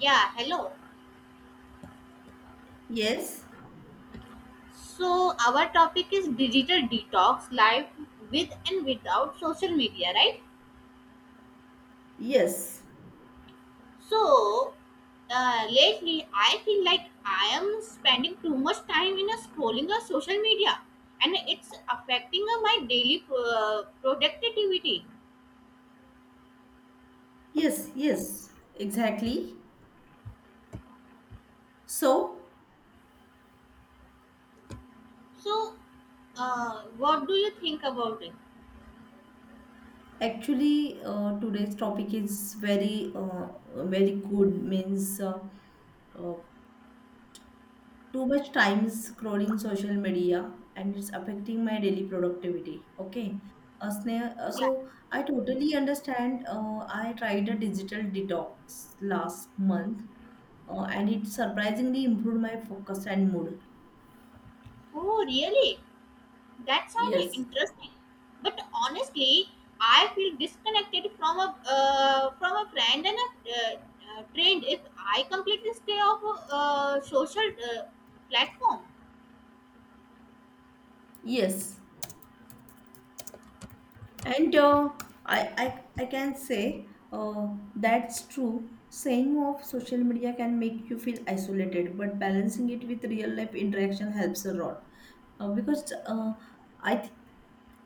Yeah, hello. Yes, So, our topic is digital detox, life with and without social media, right? yes, So, lately I feel like I am spending too much time in a scrolling of social media, and it's affecting my daily productivity. yes, exactly. So, So, what do you think about it? actually, today's topic is very, very good. Means uh, too much time scrolling social media, and it's affecting my daily productivity. Okay, Sneha, Yeah. so I totally understand. I tried a digital detox last month, and it surprisingly improved my focus and mood. Oh, really? That sounded Yes, interesting, but honestly, I feel disconnected from a friend and a trend if I completely stay off a social platform. yes. And I, I can say that's true. Saying off social media can make you feel isolated, but balancing it with real life interaction helps a lot. Because I, th-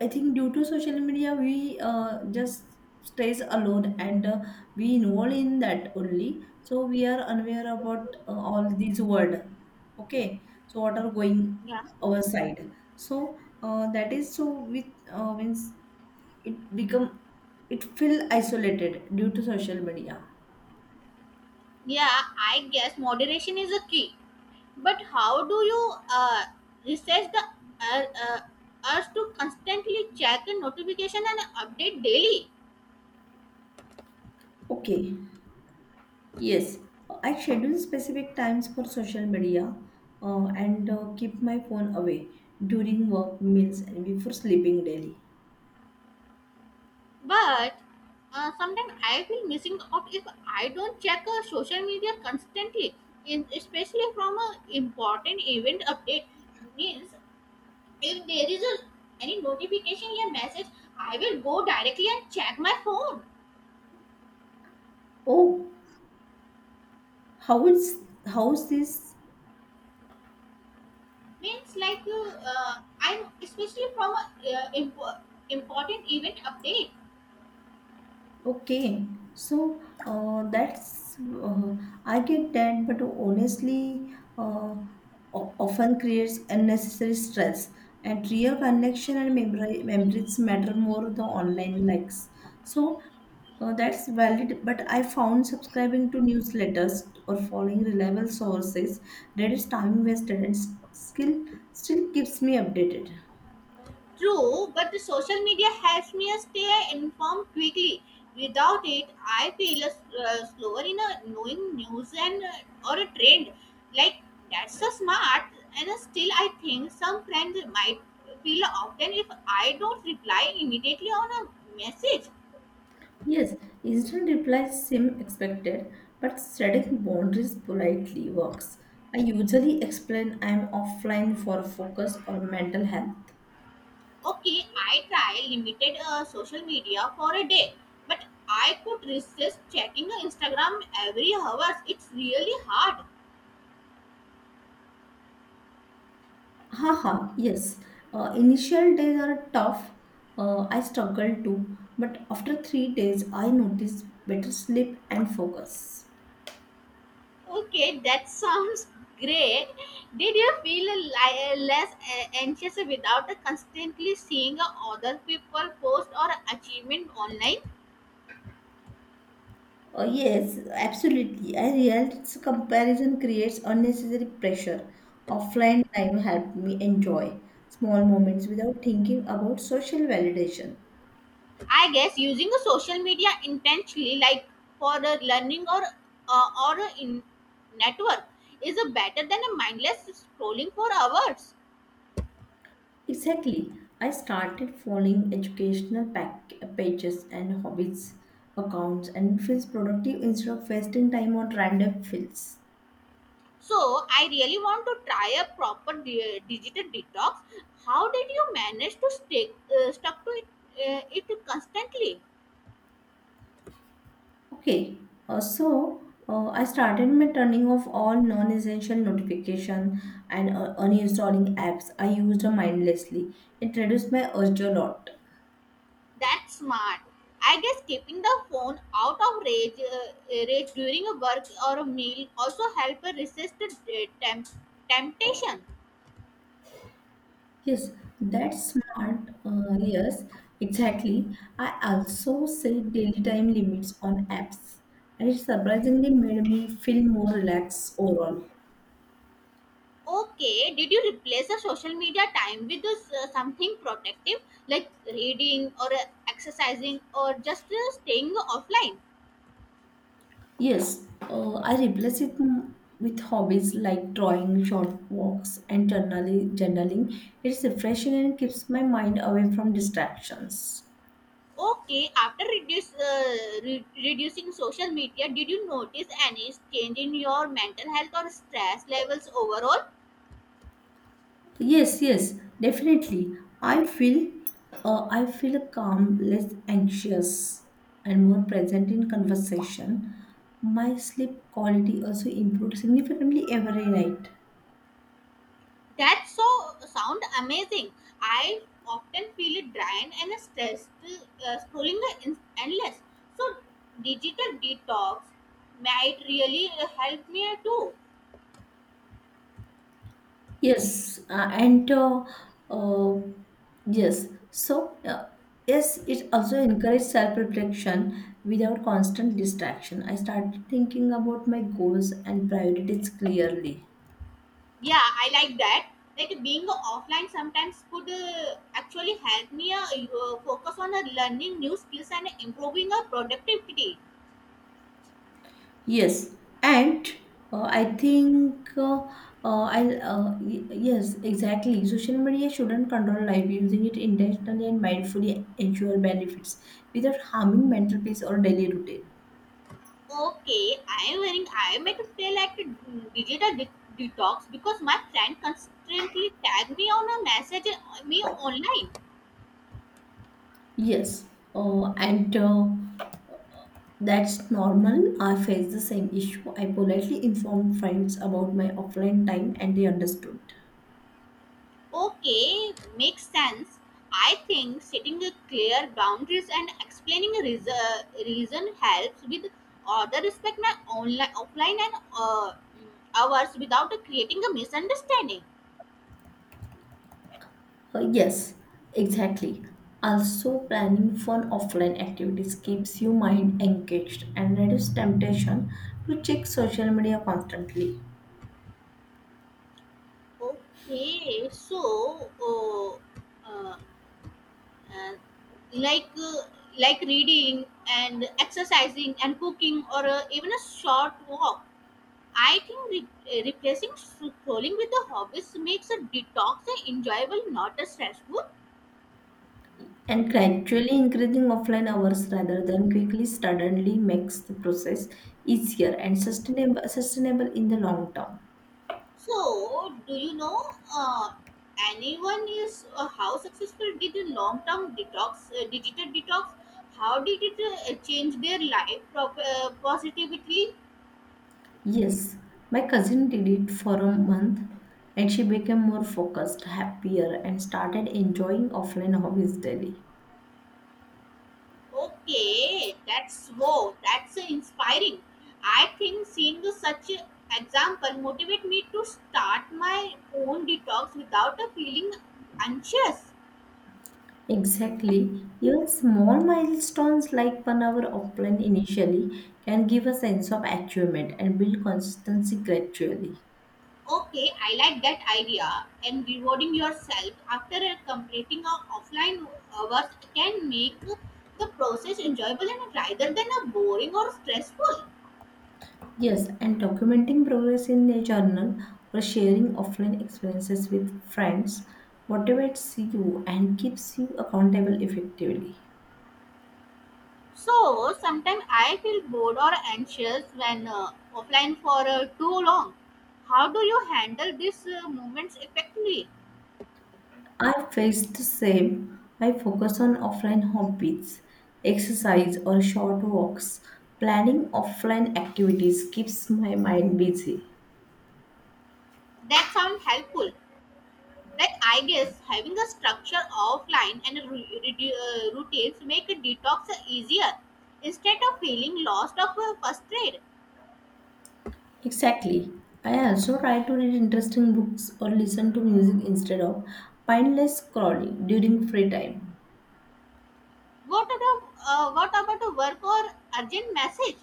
I think due to social media, we just stays alone and we involve in that only. So we are unaware about all these word. Okay, so what are going Yeah, our side? So that is so with means it become it feel isolated due to social media. yeah. I guess moderation is a key, but how do you research the uh, uh, urge to constantly check the notification and update daily? Okay, yes, I schedule specific times for social media and keep my phone away during work, meals, and before sleeping daily. But sometimes I feel missing out if I don't check social media constantly, in, especially from a important event update. Means if there is a, any notification or message, I will go directly and check my phone. Oh, how is how's this Means like I'm especially from a important event update. okay, so that's I get that, but honestly, often creates unnecessary stress. And real connection and memory, memories matter more than online likes. So that's valid. But I found subscribing to newsletters or following reliable sources, that is time wasted and skill still keeps me updated. True, but the social media helps me stay informed quickly. Without it, I feel slower in knowing news and or a trend. Like that's so smart, and still I think some friends might feel often if I don't reply immediately on a message. Yes, instant replies seem expected, but setting boundaries politely works. I usually explain I'm offline for focus or mental health. Okay, I try limited social media for a day, but I could resist checking Instagram every hours. It's really hard. Haha, yes. Initial days are tough. I struggled too, but after 3 days, I noticed better sleep and focus. Okay, that sounds great. Did you feel less anxious without constantly seeing other people post or achievement online? Oh, yes, absolutely. I realize comparison creates unnecessary pressure. Offline time helped me enjoy small moments without thinking about social validation. I guess using a social media intentionally, like for learning or in network, is better than a mindless scrolling for hours. Exactly. I started following educational pages and hobbies accounts and feels productive instead of wasting time on random fields. So I really want to try a proper digital detox. How did you manage to stay stuck to it, it constantly? Okay, so I started my turning off all non-essential notification and uninstalling apps I used mindlessly. It reduced my urge a lot. That's smart. I guess keeping the phone out of range, range during a work or a meal also help resist the temptation. Yes, that's smart. Yes, exactly. I also set daily time limits on apps, and it surprisingly made me feel more relaxed overall. Okay, did you replace the social media time with this, something protective like reading or exercising or just staying offline? Yes, I replace it with hobbies like drawing, short walks, and journaling. It's refreshing and keeps my mind away from distractions. Okay, after reducing social media, did you notice any change in your mental health or stress levels overall? Yes, yes, definitely. I feel, I feel calm, less anxious, and more present in conversation. My sleep quality also improved significantly every night. That so sound amazing. I often feel it drained and stressed scrolling the endless. So digital detox might really help me too. Yes, and uh, yes, so yes, it also encourages self-reflection without constant distraction. I started thinking about my goals and priorities clearly. Yeah, I like that. Like being offline sometimes could actually help me focus on learning new skills and improving our productivity. Yes, and I think I y- yes, exactly. Social media shouldn't control life. Using it intentionally and mindfully ensure benefits without harming mental peace or daily routine. Okay, I am wearing. I am at a play like a digital de- detox because my friend constantly tag me on a message me online. Yes, and that's normal. I face the same issue. I politely informed friends about my offline time and they understood. Okay, makes sense. I think setting a clear boundaries and explaining a reason helps with other respect my online offline and hours without creating a misunderstanding. Yes, exactly. Also, planning fun offline activities keeps your mind engaged and reduces temptation to check social media constantly. Okay, uh, uh, like uh, like reading and exercising and cooking or even a short walk. I think replacing scrolling with the hobbies makes a detox enjoyable, not a stressful. And gradually increasing offline hours rather than quickly suddenly makes the process easier and sustainable in the long term. So do you know uh, anyone is how successful did a long term detox digital detox, how did it change their life positively? Yes, my cousin did it for a month and she became more focused, happier, and started enjoying offline hobbies daily. Okay, that's wow, that's inspiring. I think seeing such an example motivate me to start my own detox without a feeling anxious. Exactly. Even small milestones like one hour offline initially can give a sense of achievement and build consistency gradually. Okay, I like that idea. And rewarding yourself after completing a offline hours can make the process enjoyable and rather than a boring or stressful. Yes, and documenting progress in a journal or sharing offline experiences with friends motivates you and keeps you accountable effectively. So sometimes I feel bored or anxious when offline for too long. How do you handle these moments effectively? I faced the same. I focus on offline hobbies, exercise or short walks. Planning offline activities keeps my mind busy. That sounds helpful. Like I guess having a structure offline and a routines make a detox easier. Instead of feeling lost or frustrated, Exactly. I also try to read interesting books or listen to music instead of mindless scrolling during free time. What about a work or urgent message?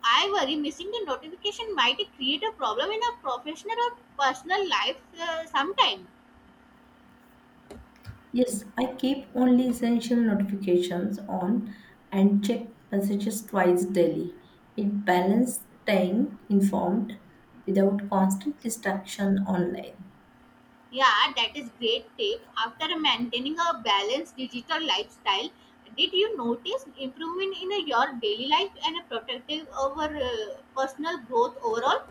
I worry missing the notification might create a problem in a professional or personal life sometime. Yes, I keep only essential notifications on and check messages twice daily. It balances staying informed without constant distraction online. Yeah, that is great tip. After maintaining a balanced digital lifestyle, did you notice improvement in your daily life and a protective over personal growth overall?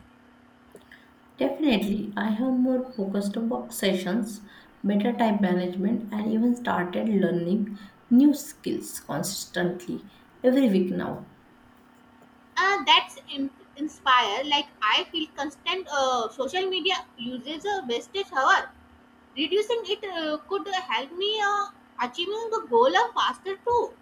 Definitely, I have more focused work sessions, better time management, and even started learning new skills consistently every week now. That's inspire. Like I feel constant social media uses a wastage hour. Reducing it could help me achieving the goal of faster too.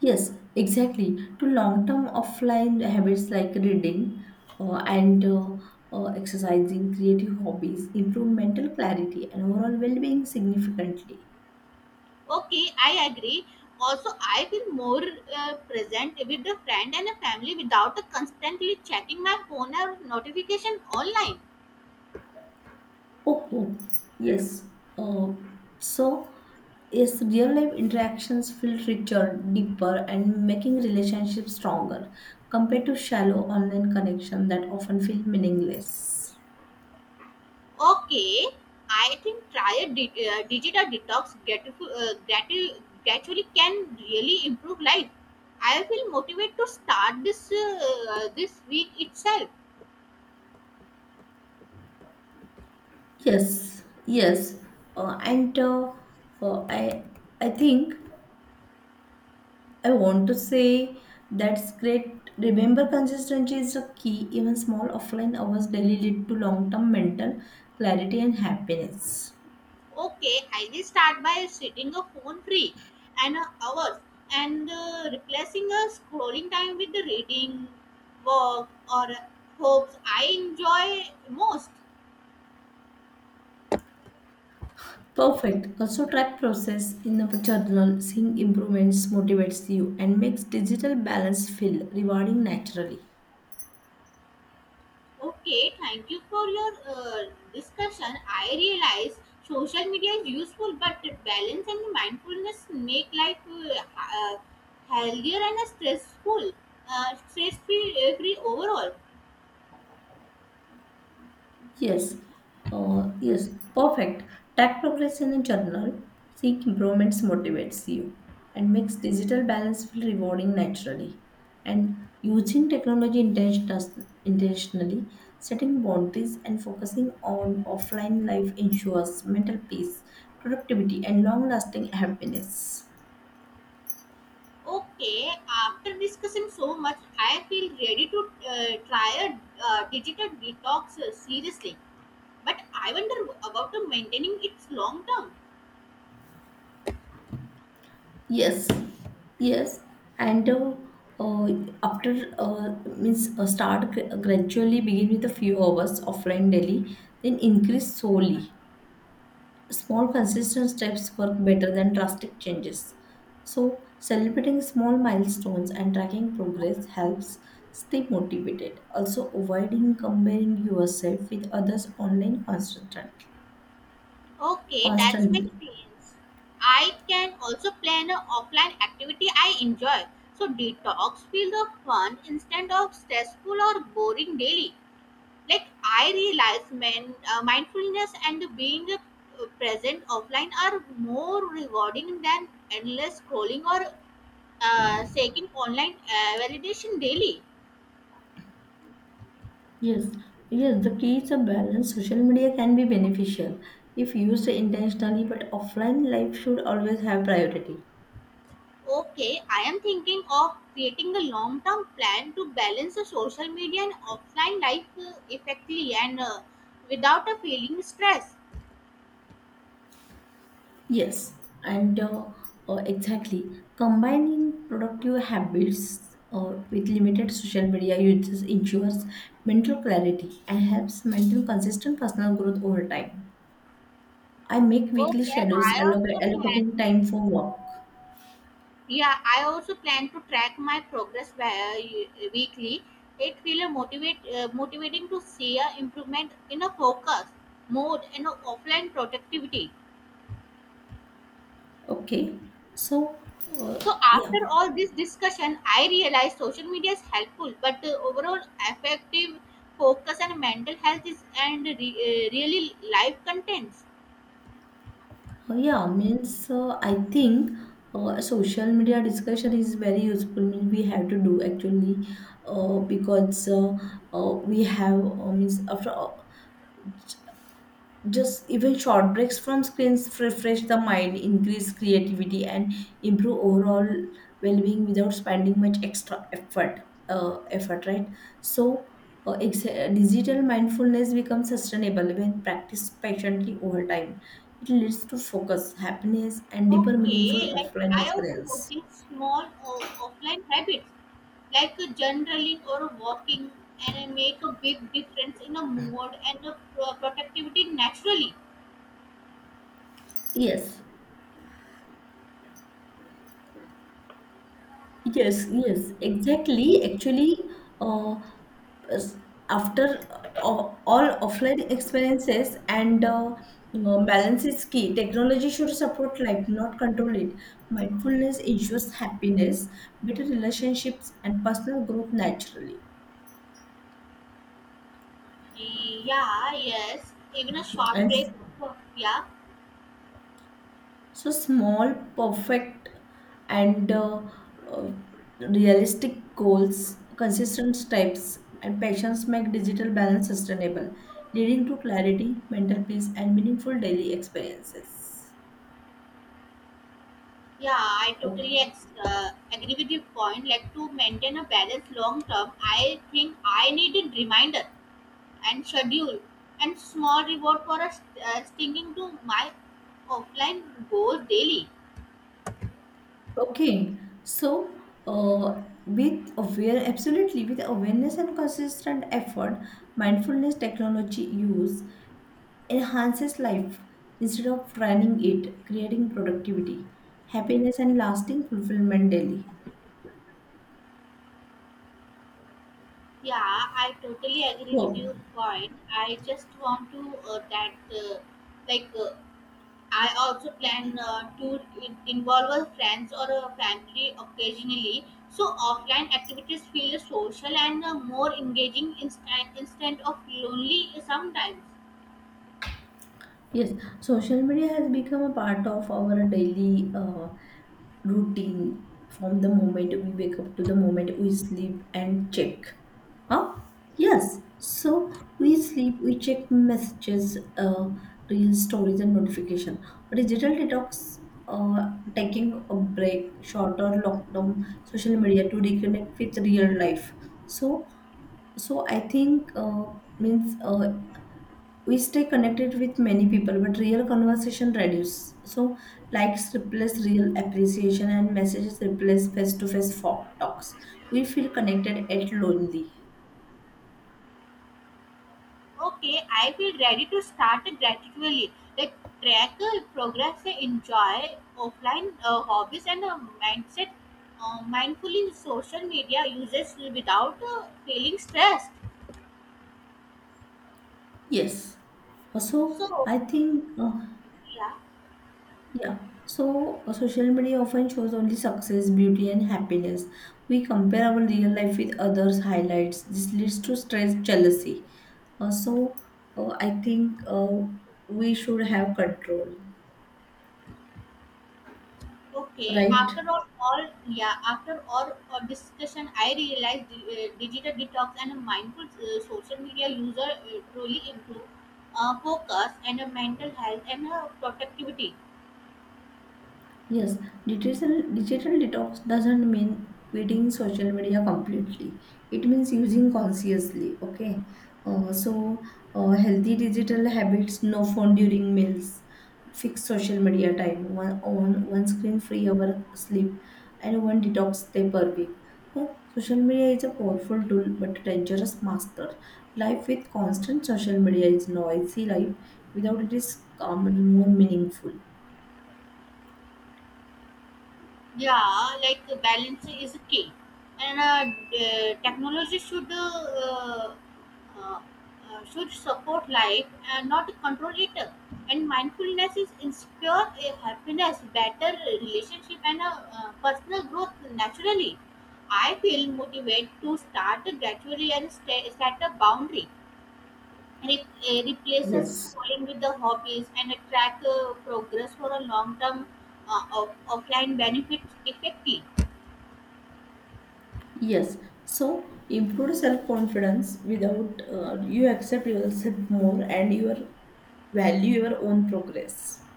Yes, exactly. To long-term offline habits like reading and exercising, creative hobbies improve mental clarity and overall well-being significantly. Okay, I agree. Also, I feel more present with a friend and a family without a constantly checking my phone or notification online. Oh, oh yes. Uh, so, yes, real-life interactions feel richer, deeper, and making relationships stronger compared to shallow online connection that often feel meaningless. Okay, I think try a digital detox gradually can really improve life. I feel motivated to start this this week itself. Yes, yes, and uh, I I think. I want to say that's great. Remember, consistency is a key. Even small offline hours daily lead to long term mental clarity and happiness. Okay, I will start by setting a phone free and hours and replacing a scrolling time with the reading, work, or hopes I enjoy most. Perfect. Also, track process in a journal. Seeing improvements motivates you and makes digital balance feel rewarding naturally. Okay, thank you for your discussion. I realize social media is useful, but the balance and mindfulness make life healthier and stress free overall. Yes, yes, perfect. Track progress in a journal, seek improvements motivates you, and makes digital balance feel rewarding naturally. And using technology intentionally, setting boundaries and focusing on offline life ensures mental peace, productivity, and long lasting happiness. Okay, after discussing so much, I feel ready to try a digital detox seriously. But I wonder about the maintaining its long term. Yes, yes, and uh, after means start gra- gradually begin with a few hours offline daily, then increase slowly. Small consistent steps work better than drastic changes. So celebrating small milestones and tracking progress helps stay motivated. Also avoiding comparing yourself with others online constantly. Okay, that's makes Constantly. sense. I can also plan an offline activity I enjoy. So detox feel the fun instead of stressful or boring daily. Like I realize man, mindfulness and being present offline are more rewarding than endless scrolling or seeking online validation daily. Yes, yes, the key is a balance. Social media can be beneficial if used intentionally, but offline life should always have priority. Okay, I am thinking of creating a long term plan to balance the social media and offline life effectively and without a feeling stress. Yes, and exactly. Combining productive habits with limited social media uses ensures mental clarity and helps maintain consistent personal growth over time. I make weekly Okay schedules I also allocating plan time for work. Yeah, I also plan to track my progress weekly. It feels motivating to see a improvement in a focus, mood, and a offline productivity. Okay, so uh, So yeah. after all this discussion, I realize social media is helpful, but overall effective focus and mental health is and really life contents. Yeah, means I think social media discussion is very useful. Means we have to do actually because we have means after just even short breaks from screens refresh the mind increase creativity and improve overall well-being without spending much extra effort effort right. So digital mindfulness becomes sustainable when practiced patiently over time. It leads to focus happiness and deeper meaningful Okay, like offline I also experience. notice small offline habits like a journaling or a walking, and I make a big difference in a mood and the productivity naturally. Yes, yes, yes, exactly. Actually, uh, s- after all offline experiences and balance is key. Technology should support life, not control it. Mindfulness ensures happiness, better relationships, and personal growth naturally. Yeah, yes, even a short And break. Yeah. so small, perfect, and uh, realistic goals, consistent steps, and passions make digital balance sustainable, leading to clarity, mental peace, and meaningful daily experiences. Yeah, I Okay. totally agree with your point. Like to maintain a balance long term, I think I need a reminder and schedule and small reward for us sticking to my offline goals daily. Okay. So, absolutely, with awareness and consistent effort, mindfulness technology use enhances life instead of draining it, creating productivity, happiness, and lasting fulfillment daily. Yeah, I totally agree with So, your point. I just want to that like I also plan to involve our friends or a family occasionally. So offline activities feel social and more engaging instead of lonely sometimes. yes, social media has become a part of our daily routine from the moment we wake up to the moment we sleep and check. Huh? Yes. So we sleep, we check messages, real stories, and notification. Digital detox, uh, taking a break, shorter lockdown, social media to reconnect with real life. So so I think means we stay connected with many people but real conversation reduce. So likes replace real appreciation and messages replace face-to-face talks. We feel connected at lonely. Okay, I will ready to start gradually. Like track progress, enjoy offline hobbies and mindset mindfully social media uses without feeling stressed. Yes. Also, So I think yeah, yeah, so social media often shows only success beauty and happiness. We compare our real life with others highlights. This leads to stress jealousy. So I think We should have control, okay. right? After all, after all discussion, I realized digital detox and a mindful social media user truly improve focus and mental health and productivity. Yes, digital detox doesn't mean quitting social media completely. It means using consciously. Okay, uh, so healthy digital habits: no phone during meals, fixed social media time, one on one screen free hour sleep, and one detox day per week. So social media is a powerful tool but a dangerous master. Life with constant social media is noisy life. Without it is calm and more meaningful. Yeah, like balance is key, and technology should support life and not control it. And mindfulness is ensure a happiness, better relationship, and personal growth naturally. I feel motivated to start gradually and set a boundary. Replace a Yes. schooling with the hobbies and track progress for a long term of offline benefits effectively. Yes, so improve self confidence without you accept yourself more and your value your own progress.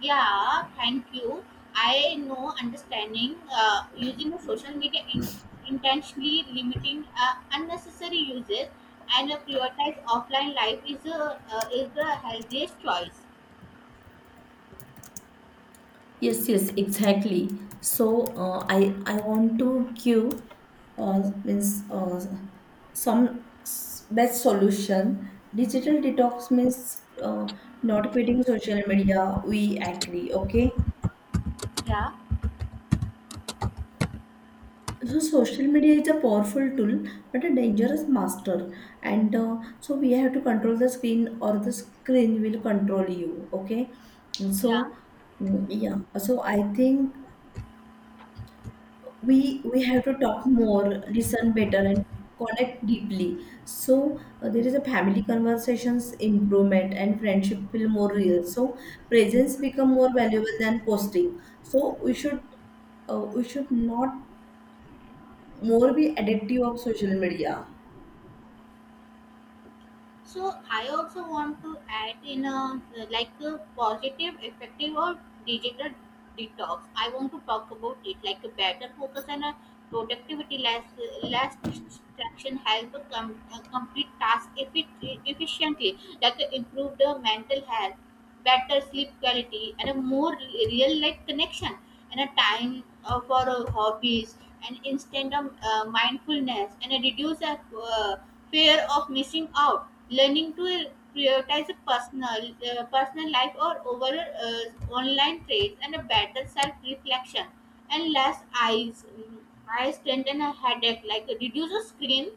Yeah, thank you. I know understanding using of social media in, intentionally limiting unnecessary uses and prioritize offline life is a is the healthiest choice. Yes, yes, exactly. So I want to give Uh, means uh, some best solution. Digital detox means uh, not quitting social media. We agree, okay? Yeah, So social media is a powerful tool, but a dangerous master. And so we have to control the screen, or the screen will control you. Okay. So yeah. yeah. So I think we have to talk more, listen better, and connect deeply. So there is a family conversations improvement, and friendship feel more real. So presence become more valuable than posting. So we should not more be addictive of social media. So I also want to add in a like a positive, effective or digital detox. I want to talk about it like a better focus and a productivity, less distraction, help to complete task efficiently, like a improve the mental health, better sleep quality, and a more real life connection, and a time for hobbies, and instant of mindfulness, and a reduce uh, fear of missing out. Learning to prioritize a personal personal life or over uh, online trades and a better self reflection and less eye strain and a headache, like reduce the screen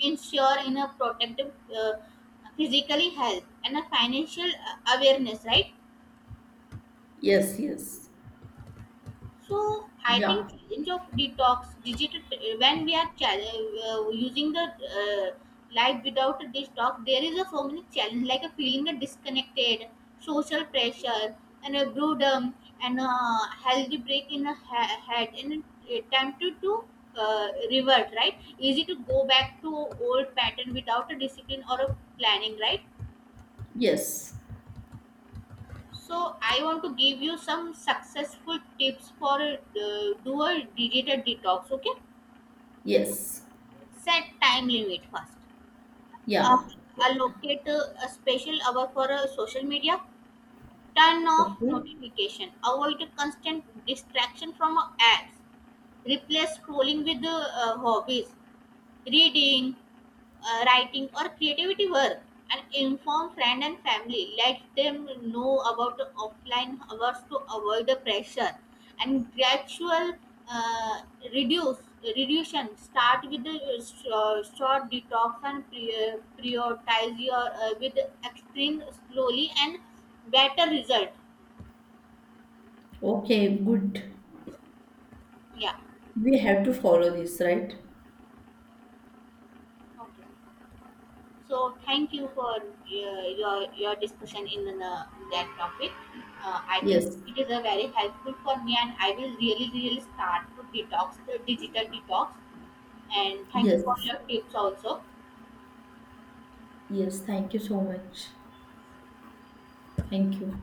ensure in a protective physically health and a financial awareness, right? Yes, yes. So I Yeah. think challenge of detox digital when we are using the life without a detox, there is a so many challenge like a feeling of disconnected, social pressure, and a boredom, and a healthy break in a head, and a attempt to revert, right. Easy to go back to old pattern without a discipline or a planning, right. Yes. So I want to give you some successful tips for do a digital detox. Okay, Yes. set time limit first, uh, Yeah. allocate a special hour for social media, turn off Okay. notification, avoid constant distraction from ads, replace scrolling with hobbies, reading, writing or creativity work, and inform friend and family, let them know about the offline hours to avoid the pressure, and gradual uh, reduce reduction, start with the short detox and prioritize your with extreme slowly and better result. Okay, good. Yeah, We have to follow this, right? okay. So thank you for your your discussion in the, that topic. I think Yes. it is a very helpful for me, and I will really really start to detox the digital detox. And thank you for Yes. your tips also. Yes. Thank you so much. Thank you.